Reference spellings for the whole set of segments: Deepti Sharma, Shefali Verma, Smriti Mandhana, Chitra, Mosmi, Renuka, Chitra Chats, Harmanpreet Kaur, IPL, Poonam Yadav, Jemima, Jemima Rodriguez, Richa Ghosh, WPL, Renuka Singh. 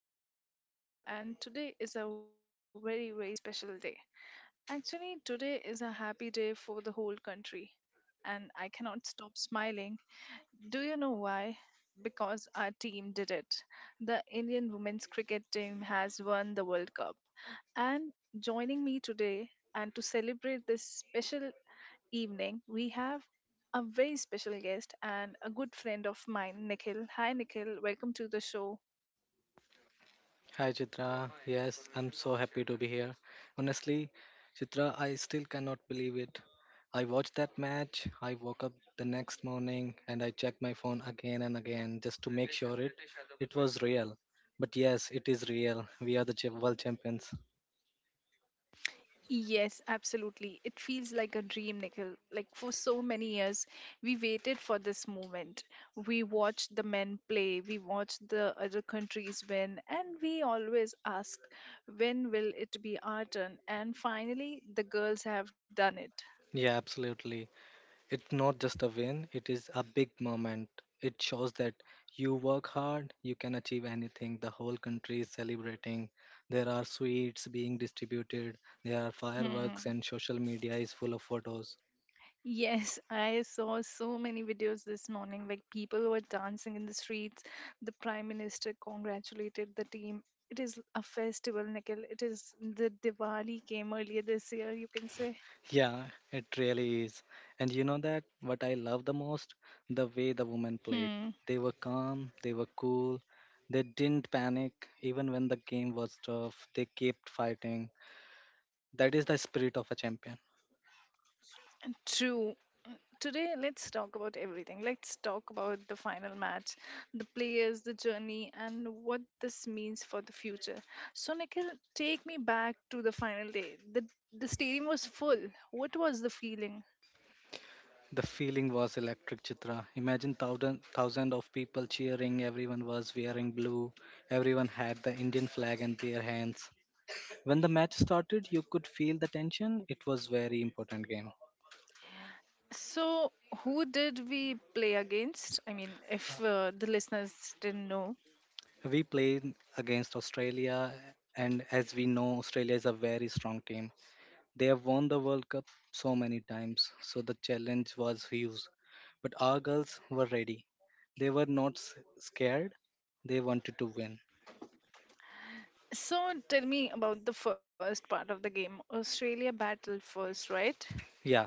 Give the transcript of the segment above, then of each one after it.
Chats. I'm your host, Chitra, and today is a very, very special day. Actually, today is a happy day for the whole country, and I cannot stop smiling. Do you know why? Because our team did it. The Indian women's cricket team has won the World Cup. And joining me today and to celebrate this special evening, we have a very special guest and a good friend of mine, Nikhil. Hi, Nikhil. Welcome to the show. Hi Chitra, yes, I'm so happy to be here. Honestly, Chitra, I still cannot believe it. I watched that match, I woke up the next morning and I checked my phone again and again just to make sure it was real. But yes, it is real. We are the world champions. Yes, absolutely. It feels like a dream, Nikhil. Like for so many years, we waited for this moment. We watched the men play, we watched the other countries win, and we always asked, when will it be our turn? And finally, the girls have done it. Yeah, absolutely. It's not just a win, it is a big moment. It shows that you work hard, you can achieve anything. The whole country is celebrating. There are sweets being distributed, there are fireworks, Hmm. and social media is full of photos. Yes, I saw so many videos this morning. Like people were dancing in the streets. The prime minister congratulated the team. It is a festival, Nikhil. It is the Diwali came earlier this year, you can say. Yeah, it really is. And you know that what I love the most? The way the women Hmm. played. They were calm, they were cool, they didn't panic. Even when the game was tough, they kept fighting. That is the spirit of a champion. True. Today, let's talk about everything. Let's talk about the final match, the players, the journey, and what this means for the future. So, Nikhil, take me back to the final day. The stadium was full. What was the feeling? The feeling was electric, Chitra. Imagine thousand of people cheering. Everyone was wearing blue. Everyone had the Indian flag in their hands. When the match started, you could feel the tension. It was very important game. So, who did we play against? I mean, if the listeners didn't know. We played against Australia, and as we know, Australia is a very strong team. They have won the World Cup so many times, so the challenge was huge. But our girls were ready. They were not scared. They wanted to win. So, tell me about the first part of the game. Australia battled first, right? Yeah,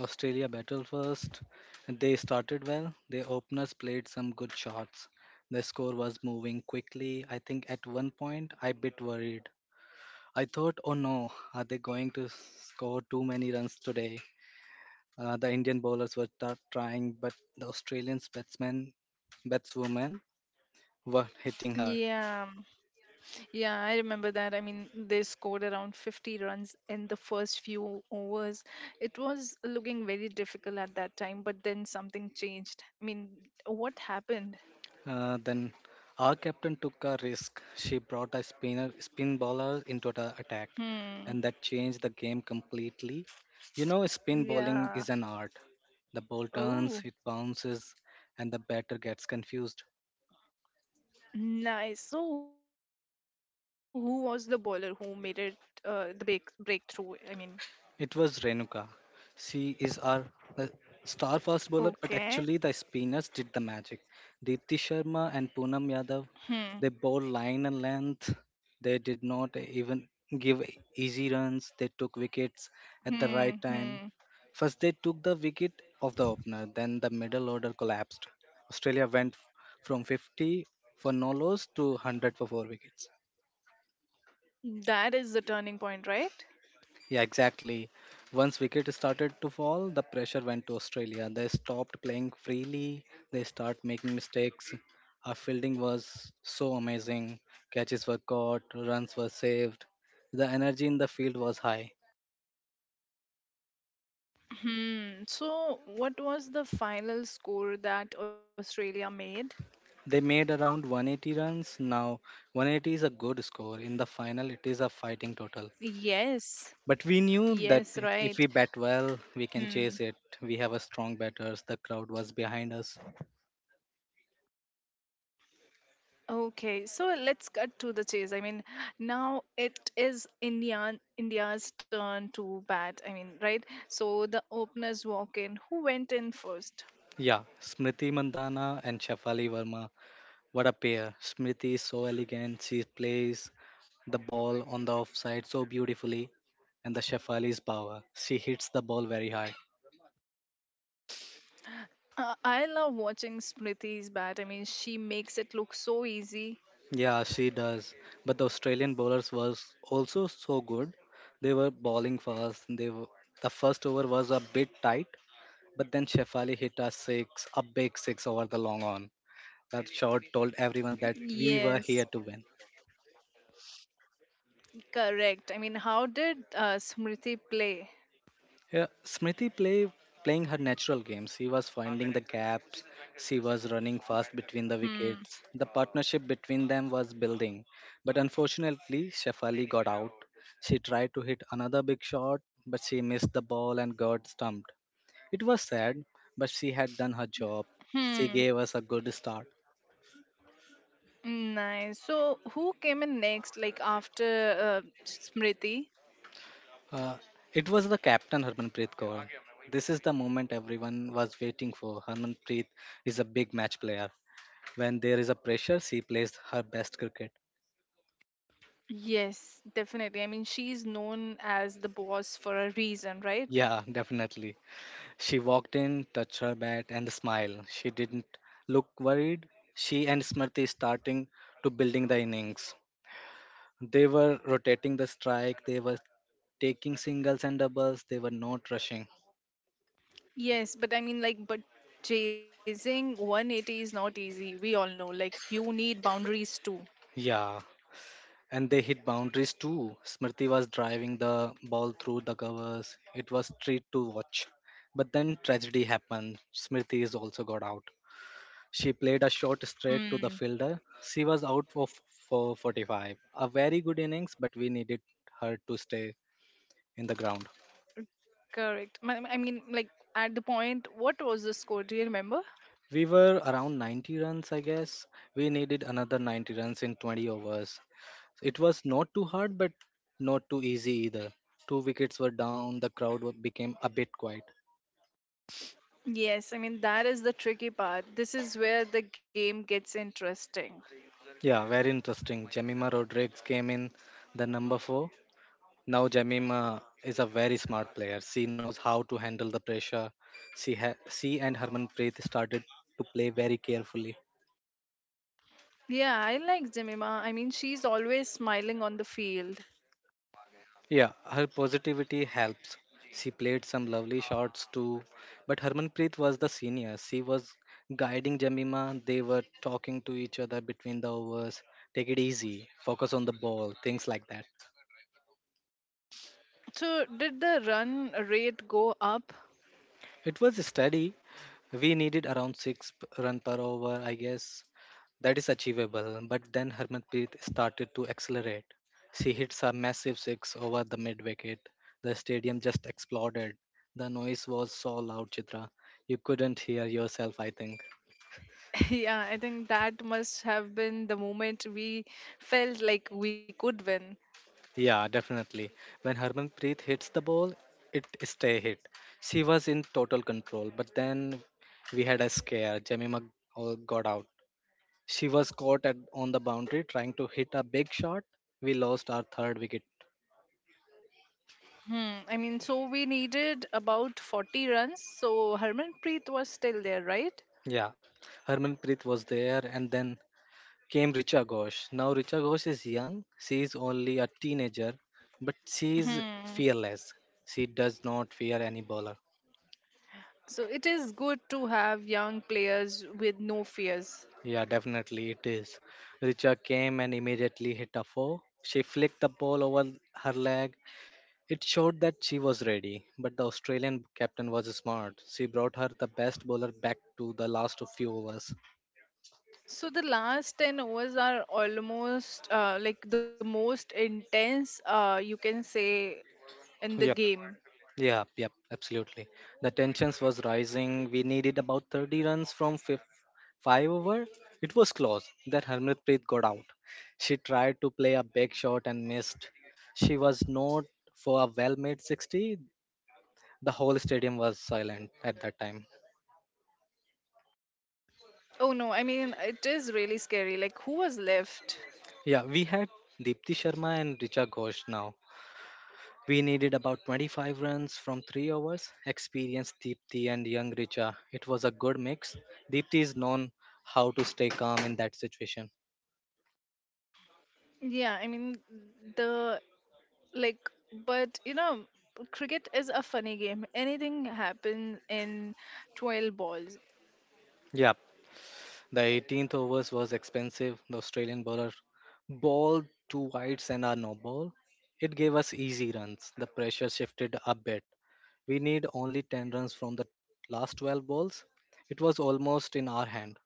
Australia battled first. They started well. Their openers played some good shots. The score was moving quickly. I think at one point I bit worried. I thought, oh no, are they going to score too many runs today? The Indian bowlers were trying, but the Australian batswomen were hitting Yeah, hard. yeah, I remember that. I mean, they scored around 50 runs in the first few overs. It was looking very difficult at that time, but then something changed. I mean, what happened? Then our captain took a risk. She brought a spin bowler into the attack, and Hmm. that changed the game completely. You know, spin bowling is Yeah. an art. The ball turns, it Oh. bounces, and the batter gets confused. Nice. So, who was the bowler who made it the breakthrough? I mean, It was Renuka. She is our uh, star okay. fast bowler, but actually the spinners did the magic. Deepti Sharma and Poonam Hmm. Yadav, they bowled line and length. They did not even give easy runs. They took wickets Hmm. at the right Hmm. time. First, they took the wicket of the opener, then the middle order collapsed. Australia went from 50 for no loss to 100 for four wickets. That is the turning point, right? Yeah, exactly. Once wicket started to fall, the pressure went to Australia. They stopped playing freely. They start making mistakes. Our fielding was so amazing. Catches were caught, runs were saved. The energy in the field was high. Hmm. So, what was the final score that Australia made? They made around 180 runs. Now, 180 is a good score. In the final, it is a fighting total. Yes. But we knew that Yes, right. if we bat well, we can Hmm. chase it. We have a strong batters. The crowd was behind us. Okay, so let's cut to the chase. I mean, now it is Indian India's turn to bat. I mean, right? So the openers walk in. Who went in first? Yeah, Smriti Mandhana and Shefali Verma. What a pair. Smriti is so elegant. She plays the ball on the offside so beautifully. And the Shefali power. She hits the ball very hard. I love watching Smriti's bat. I mean, she makes it look so easy. Yeah, she does. But the Australian bowlers were also so good. They were bowling fast. The first over was a bit tight, but then Shefali hit a six, a big six over the long on. That shot told everyone that we were Yes, here to win. correct. I mean, how did Smriti play? Yeah, Smriti playing her natural game. She was finding the gaps. She was running fast between the Hmm. wickets. The partnership between them was building. But unfortunately, Shefali got out. She tried to hit another big shot, but she missed the ball and got stumped. It was sad, but she had done her job. She Hmm. gave us a good start. Nice. So, who came in next, like after Smriti? Uh, it was the captain Harmanpreet Kaur. This is the moment everyone was waiting for. Harmanpreet is a big match player. When there is a pressure, she plays her best cricket. Yes, definitely. I mean, she's known as the boss for a reason, right? Yeah, definitely. She walked in, touched her bat, and smiled. She didn't look worried. She and Smriti starting to building the innings. They were rotating the strike. They were taking singles and doubles. They were not rushing. Yes, but I mean, like, but chasing 180 is not easy. We all know. Like, you need boundaries too. Yeah, and they hit boundaries too. Smriti was driving the ball through the covers. It was treat to watch. But then tragedy happened. Smriti is also got out. She played a shot straight to the Hmm. fielder. She was out for 45. A very good innings, but we needed her to stay in the ground. Correct. My- I mean, like at the point, what was the score? Do you remember? We were around 90 runs, I guess. We needed another 90 runs in 20 overs. It was not too hard, but not too easy either. Two wickets were down, the crowd became a bit quiet. Yes, I mean, that is the tricky part. This is where the game gets interesting. Yeah, very interesting. Jemima Rodriguez came in the number four. Now Jamima is a very smart player. She knows how to handle the pressure. She and Harmanpreet started to play very carefully. Yeah, I like Jemima. I mean, she's always smiling on the field. Yeah, her positivity helps. She played some lovely shots too. But Harmanpreet was the senior. She was guiding Jamima. They were talking to each other between the overs. Take it easy. Focus on the ball. Things like that. So, did the run rate go up? It was steady. We needed around run per over, I guess. That is achievable. But then Harmanpreet started to accelerate. She hits a massive six over the mid wicket. The stadium just exploded. The noise was so loud, Chitra. You couldn't hear yourself, I think. Yeah, I think that must have been the moment we felt like we could win. Yeah, definitely. When Harmanpreet hits the ball, it stay hit. She was in total control. But then we had a scare. Jemima all got out. She was on the boundary trying to hit a big shot. We lost our third wicket. Hmm. I mean, so we needed about 40 runs. So, Harmanpreet was still there, right? Yeah, Harmanpreet was there, and then came Richa Ghosh. Now Richa Ghosh is young; she is only a teenager, but she is Hmm. fearless. She does not fear any bowler. So it is good to have young players with no fears. Yeah, definitely it is. Richa came and immediately hit a four. She flicked the ball over her leg. It showed that she was ready, but the Australian captain was smart. She brought her the best bowler back to the last few overs. So the last 10 overs are almost like the most intense you can say in the Yep. game. Yeah, yep, absolutely. The tensions was rising. We needed about 30 runs from five over. It was close that Harmanpreet got out. She tried to play a big shot and missed. She was not for a well-made 60. The whole stadium was silent at that time. Oh no, I mean it is really scary. Like who was left? Yeah, we had Deepti Sharma and Richa Ghosh now. We needed about 25 runs from 3 overs. Experienced Deepthi and young Richa. It was a good mix. Deepthi is known how to stay calm in that situation. Yeah, I mean the like but you know cricket is a funny game. Anything happens in 12 balls. Yeah, the 18th overs was expensive. The Australian bowler bowled two wides and a no ball. It gave us easy runs. The pressure shifted a bit. We need only 10 runs from the last 12 balls. It was almost in our hand.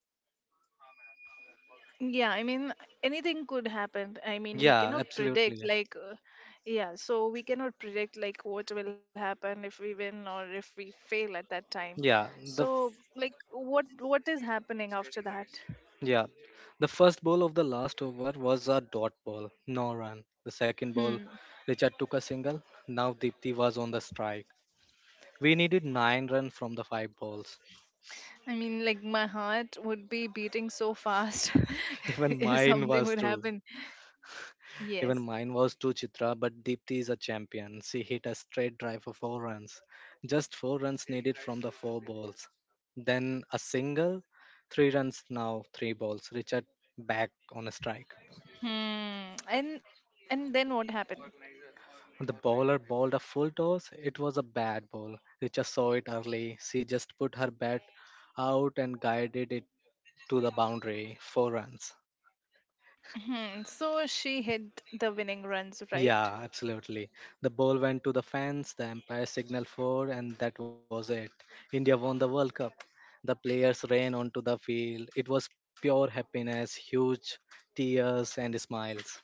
Yeah, I mean, anything could happen. I mean, we Yeah, cannot predict, absolutely. like, yeah, so we cannot predict, like, what will happen if we win or if we fail at that time. Yeah, the So, like, what is happening after that? Yeah. The first ball of the last over was a dot ball, no run. The second ball, Hmm. Richard took a single. Now Dipti was on the strike. We needed nine runs from the five balls. I mean, like, my heart would be beating so fast Even if mine something was would two. happen. Even Yes. mine was two, Chitra, but Dipti is a champion. She hit a straight drive for four runs. Just four runs needed from the four balls. Then a single, three runs now, three balls. Richard back on a strike. Hmm. And then what happened? The bowler bowled a full toss. It was a bad ball. Richa saw it early. She just put her bat out and guided it to the boundary. Four runs. Hmm. So she hit the winning runs, right? Yeah, absolutely. The ball went to the fence, the umpire signaled four, and that was it. India won the World Cup. The players ran onto the field. It was pure happiness, huge tears, and smiles.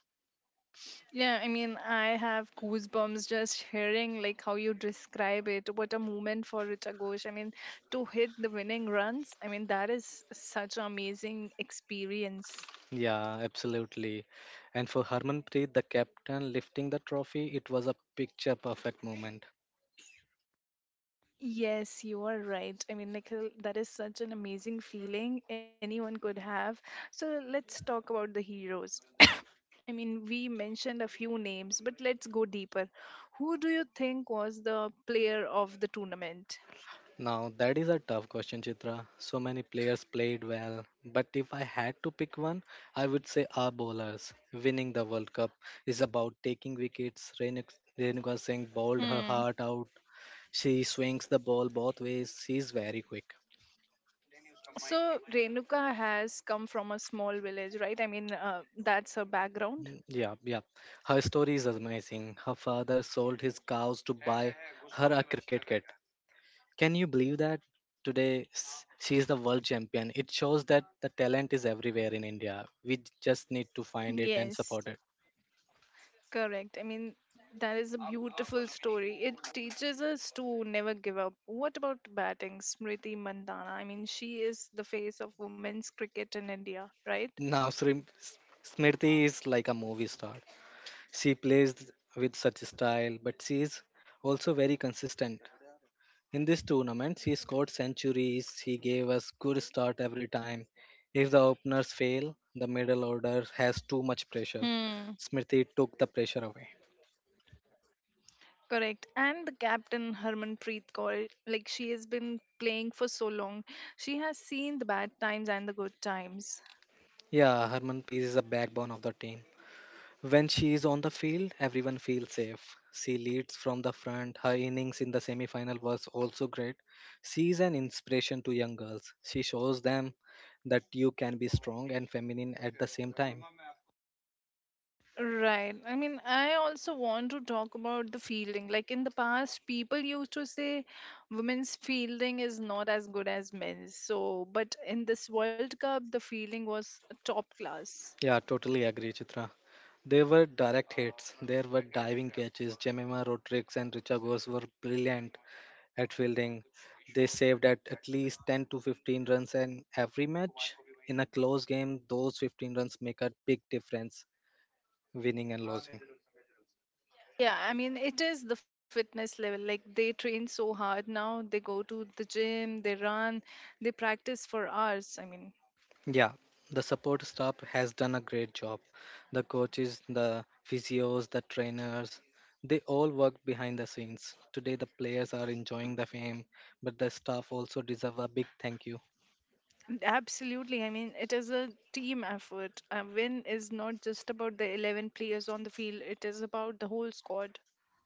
Yeah, I mean, I have goosebumps just hearing like how you describe it. What a moment for Richa Ghosh. I mean, to hit the winning runs, I mean, that is such an amazing experience. Yeah, absolutely. And for Harmanpreet, the captain lifting the trophy, it was a picture perfect moment. Yes, you are right. I mean, Nikhil, that is such an amazing feeling anyone could have. So let's talk about the heroes. I mean, we mentioned a few names, but let's go deeper. Who do you think was the player of the tournament? Now, that is a tough question, Chitra. So many players played well, but if I had to pick one, I would say our bowlers. Winning the World Cup is about taking wickets. Renuka Singh bowled her heart out. She swings the ball both ways. She's very quick. So Renuka has come from a small village, right? I mean, that's her background. Yeah, yeah. Her story is amazing. Her father sold his cows to buy her a cricket kit. Can you believe that? Today, she is the world champion. It shows that the talent is everywhere in India. We just need to find it and Yes, support it. correct. I mean, that is a beautiful story. It teaches us to never give up. What about batting, Smriti Mandhana? I mean, she is the face of women's cricket in India, right? Now, Smriti is like a movie star. She plays with such style, but she is also very consistent. In this tournament, she scored centuries. She gave us good start every time. If the openers fail, the middle order has too much pressure. Hmm. Smriti took the pressure away. Correct. And the captain Harmanpreet Kaur, like she has been playing for so long. She has seen the bad times and the good times. Yeah, Harmanpreet is the backbone of the team. When she is on the field, everyone feels safe. She leads from the front. Her innings in the semi-final was also great. She is an inspiration to young girls. She shows them that you can be strong and feminine at the same time. Right. I mean, I also want to talk about the fielding. Like in the past, people used to say women's fielding is not as good as men's. So, but in this World Cup, the fielding was top class. Yeah, totally agree, Chitra. There were direct hits. There were diving catches. Jemima Rodriguez and Richa Ghosh were brilliant at fielding. They saved at least 10 to 15 runs in every match. In a close game, those 15 runs make a big difference． Winning and losing. Yeah, I mean, it is the fitness level. Like they train so hard now, they go to the gym, they run, they practice for hours. I mean, Yeah, the support staff has done a great job. The coaches, the physios, the trainers, they all work behind the scenes. Today, the players are enjoying the fame, but the staff also deserve a big thank you. absolutely. I mean, it is a team effort. A win is not just about the 11 players on the field, it is about the whole squad.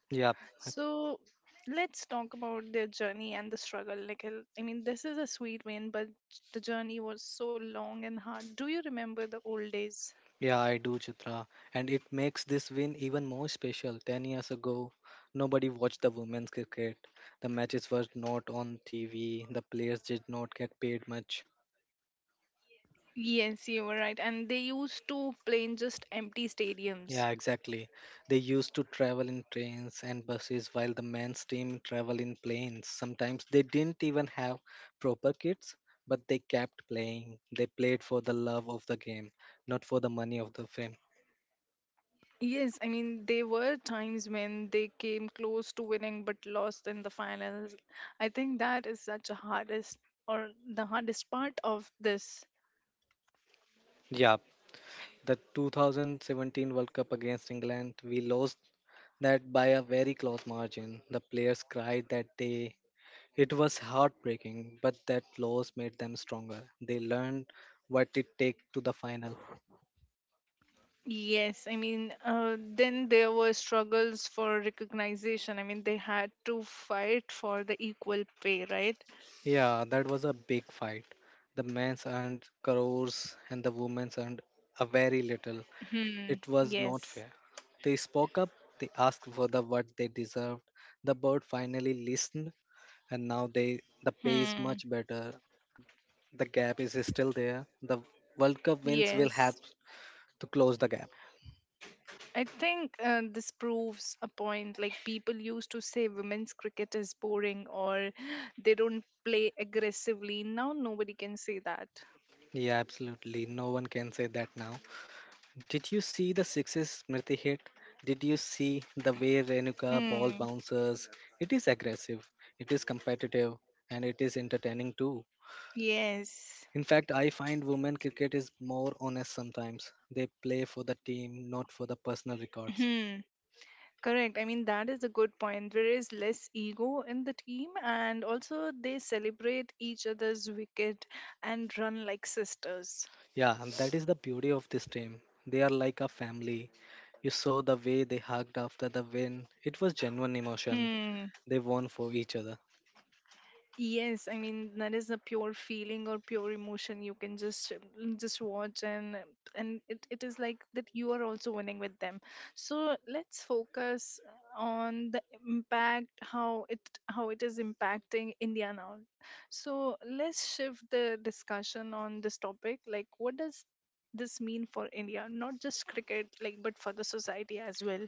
Yeah, So let's talk about their journey and the struggle. Like, I mean, this is a sweet win, but the journey was so long and hard. Do you remember the old days? yeah, I do, Chitra. And it makes this win even more special. 10 years ago, nobody watched the women's cricket. The matches were not on TV, the players did not get paid much. Yes, you were right. And they used to play in just empty Yeah, stadiums. exactly. They used to travel in trains and buses while the men's team travel in planes. Sometimes they didn't even have proper kits, but they kept playing. They played for the love of the game, not for the money of the fame. Yes, I mean, there were times when they came close to winning but lost in the finals. I think that is such a hardest or the hardest part of this. Yeah, the 2017 World Cup against England, we lost that by a very close margin. The players cried that day. It was heartbreaking, but that loss made them stronger. They learned what it takes to the final. Yes, I mean, then there were struggles for recognition. I mean, they had to fight for the equal pay, right? Yeah, that was a big fight. The men's earned crores and the women's earned a very little. Hmm. It was not Yes. fair. They spoke up, they asked for the what they deserved. The board finally listened and now the pay is Hmm. much better. The gap is still there. The World Cup wins will Yes. help to close the gap. I think this proves a point. Like, people used to say women's cricket is boring or they don't play aggressively. Now, nobody can say that. Yeah, absolutely. No one can say that now. Did you see the sixes Smriti hit? Did you see the way Renuka ball Hmm. bounces? It is aggressive, it is competitive, and it is entertaining too. Yes. In fact, I find women cricket is more honest sometimes. They play for the team, not for the personal records. Hmm. Correct. I mean, that is a good point. There is less ego in the team, and also they celebrate each other's wicket and run like sisters. Yeah, and that is the beauty of this team. They are like a family. You saw the way they hugged after the win. It was genuine emotion. Hmm. They won for each other. Yes, I mean that is a pure feeling or pure emotion. You can just just watch and it is like that you are also winning with them. So let's focus on the impact how it is impacting India now. So let's shift the discussion on this topic. Like what does this mean for India? Not just cricket, like but for the society as well.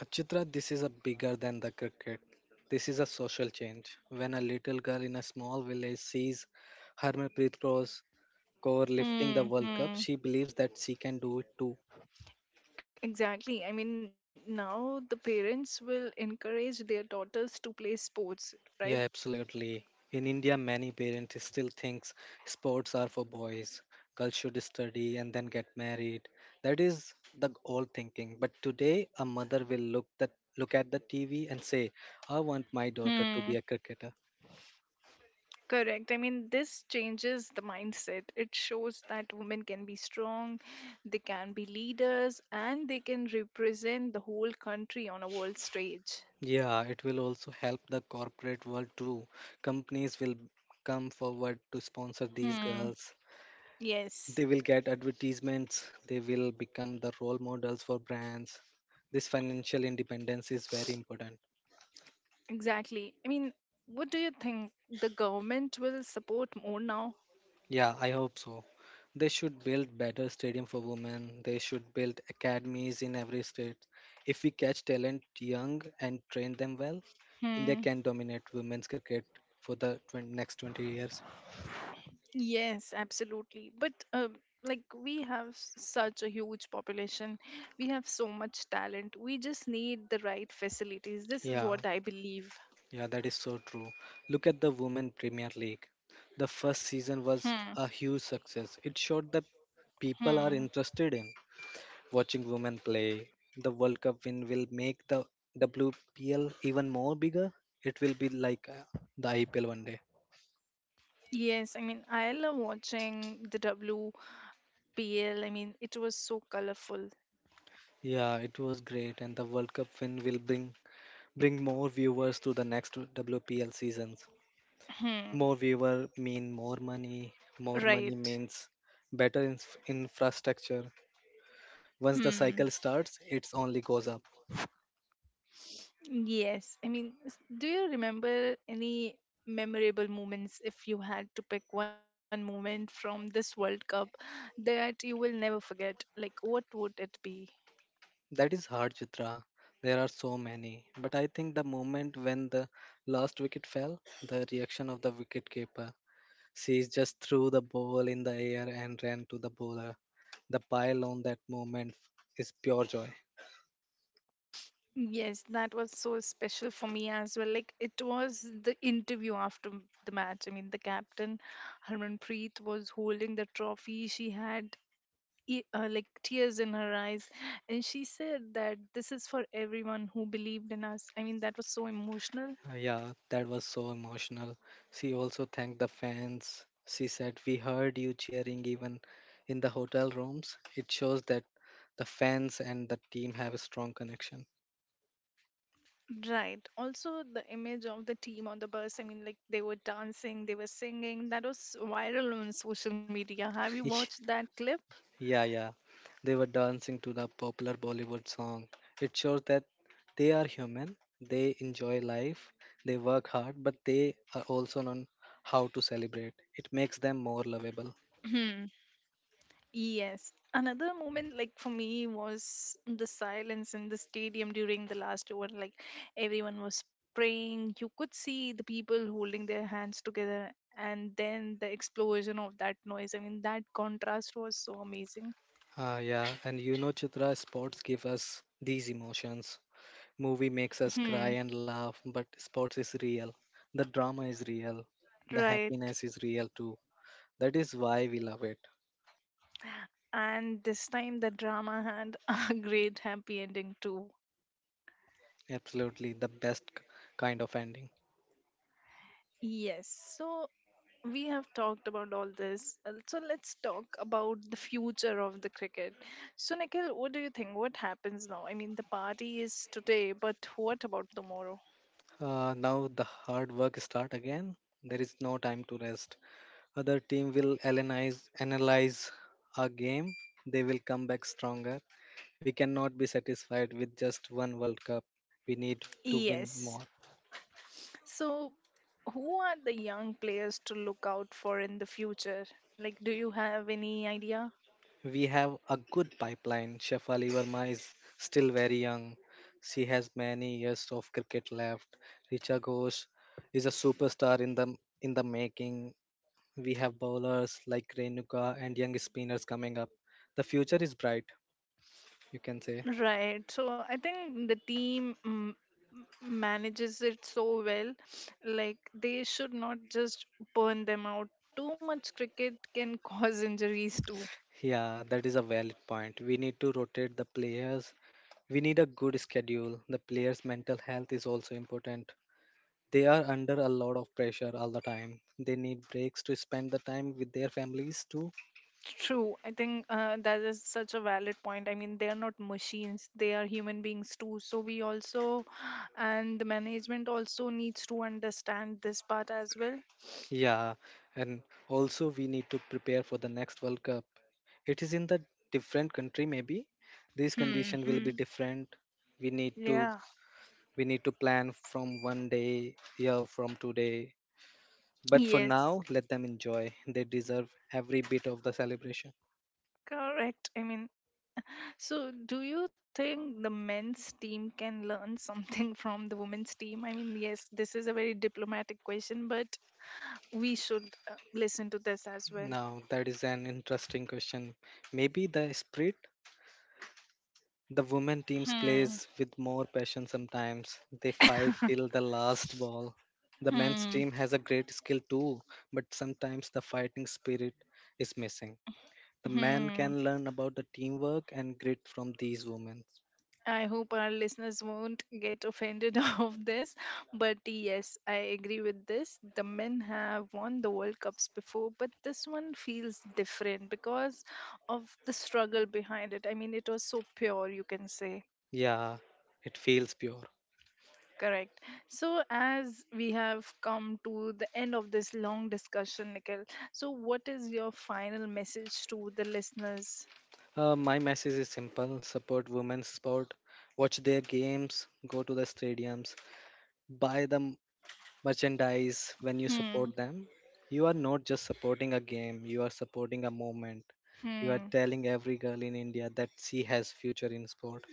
Uh, this is a bigger than the cricket. This is a social change. When a little girl in a small village sees Harmanpreet Kaur lifting the Hmm. World Cup, Hmm. she believes that she can do it too. Exactly. I mean, now the parents will encourage their daughters to play sports, right? Yeah, absolutely. In India, many parents still thinks sports are for boys. Girls should study and then get married. That is the old thinking. But today, a mother will look at the TV and say, "I want my daughter to Hmm. be a cricketer." Correct. I mean, this changes the mindset. It shows that women can be strong, they can be leaders, and they can represent the whole country on a world stage. Yeah, it will also help the corporate world too. Companies will come forward to sponsor these Hmm. girls. Yes. They will get advertisements, they will become the role models for brands. This financial independence is very important. Exactly. I mean, what do you think? The government will support more now? Yeah, I hope so. They should build better stadium for women. They should build academies in every state. If we catch talent young and train them well, India Hmm. can dominate women's cricket for next 20 years. Yes, absolutely. But like we have such a huge population, we have so much talent. We just need the right facilities. This is Yeah. what I believe. Yeah, that is so true. Look at the Women Premier League. The first season Hmm. was a huge success. It showed that people Hmm. are interested in watching women play. The World Cup win will make the WPL even more bigger. It will be like the IPL one day. Yes, I mean I love watching the WPL. I mean it was so colorful. Yeah, it was great, and the World Cup win will bring more viewers to the next WPL seasons. Hmm. More viewer mean more money. More money Right. means better in- infrastructure. Once the Hmm. cycle starts, it only goes up. Yes, I mean, do you remember any memorable moments if you had to pick one moment from this World Cup that you will never forget? Like, what would it be? That is hard, Chitra. There are so many. But I think the moment when the last wicket fell, the reaction of the wicket keeper. She just threw the ball in the air and ran to the bowler. The pile on that moment is pure joy. Yes, that was so special for me as well. Like, it was the interview after the match. I mean, the captain, Harmanpreet, was holding the trophy. She had like tears in her eyes, and she said that this is for everyone who believed in us. I mean, that was so emotional. Yeah, that was so emotional. She also thanked the fans. She said, we heard you cheering even in the hotel rooms. It shows that the fans and the team have a strong connection. Right. Also, the image of the team on the bus, I mean, like they were dancing, they were singing. That was viral on social media. Have you watched that clip? Yeah. They were dancing to the popular Bollywood song. It shows that they are human, they enjoy life, they work hard, but they are also on how to celebrate. It makes them more lovable. Hmm. Yes. Another moment, like for me, was the silence in the stadium during the last over. Like everyone was praying. You could see the people holding their hands together, and then the explosion of that noise. I mean, that contrast was so amazing. Yeah, and you know, Chitra, sports give us these emotions. Movie makes us cry Hmm. and laugh, but sports is real. The drama is real. The Right. happiness is real too. That is why we love it. And this time the drama had a great happy ending too. Absolutely, the kind of ending. Yes, so we have talked about all this. So let's talk about the future of the cricket. So, Nikhil, what do you think? What happens now? I mean, the party is today, but what about tomorrow? Now the hard work start again. There is no time to rest. Other team will analyze our game. They will come back stronger. We cannot be satisfied with just one World Cup. We need to win more. Yes. So, who are the young players to look out for in the future? Like, do you have any idea? We have a good pipeline. Shefali Verma is still very young. She has many years of cricket left. Richa Ghosh is a superstar in the making. We have bowlers like Renuka and young spinners coming up. The future is bright, you can say. Right. So I think the team manages it so well. Like they should not just burn them out. Too much cricket can cause injuries too. Yeah, that is a valid point. We need to rotate the players. We need a good schedule. The players' mental health is also important. They are under a lot of pressure all the time. They need breaks to spend the time with their families too. True, I think that is such a valid point. I mean, they are not machines; they are human beings too. So we also, and the management also needs to understand this part as well. Yeah, and also we need to prepare for the next World Cup. It is in the different country maybe. This Hmm. condition will be Hmm. different. We need to Yeah. We need to plan from one day, year from today. But for now, Yes. let them enjoy. They deserve every bit of the celebration. Correct. I mean, so, do you think the men's team can learn something from the women's team? I mean, yes, this is a very diplomatic question, but we should listen to this as well. Now, that is an interesting question. Maybe the spirit the women teams Hmm. plays with more passion sometimes. They fight till the last ball. The men's Hmm. team has a great skill too, but sometimes the fighting spirit is missing. The man Hmm. can learn about the teamwork and grit from these women. I hope our listeners won't get offended of this, but yes, I agree with this. The men have won the World Cups before, but this one feels different because of the struggle behind it. I mean, it was so pure, you can say. Yeah, it feels pure. Correct. So, as we have come to the end of this long discussion, Nikhil, so what is your final message to the listeners? My message is simple support women's sport, watch their games, go to the stadiums, buy the m- merchandise when you Hmm, support them. You are not just supporting a game, you are supporting a movement. You are hmm. telling every girl in India that she has future in sport.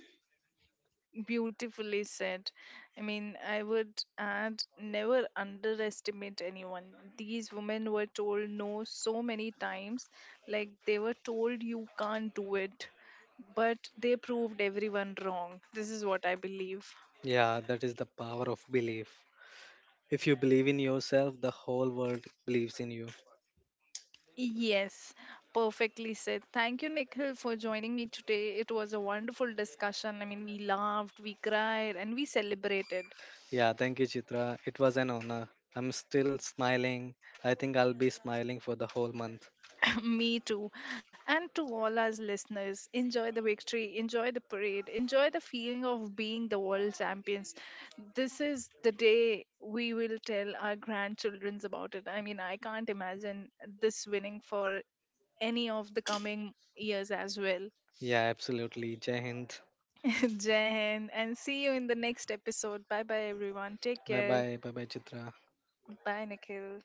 Beautifully said. I mean, I would add never underestimate anyone. These women were told no so many times, like they were told you can't do it, but they proved everyone wrong. This is what I believe. Yeah, that is the power of belief. If you believe in yourself, the whole world believes in you. Yes, perfectly said. Thank you, Nikhil, for joining me today. It was a wonderful discussion. I mean, we laughed, we cried, and we celebrated. Yeah, thank you, Chitra. It was an honor. I'm still smiling. I think I'll be smiling for the whole month. Me too. And to all our listeners, enjoy the victory, enjoy the parade, enjoy the feeling of being the world champions. This is the day we will tell our grandchildrens about it. I mean, I can't imagine this winning for any of the coming years as well. Yeah, absolutely. Jai Hind. Jai Hind and see you in the next episode. Bye bye, everyone. Take Bye care. bye. Bye bye, Chitra. Bye, Nikhil.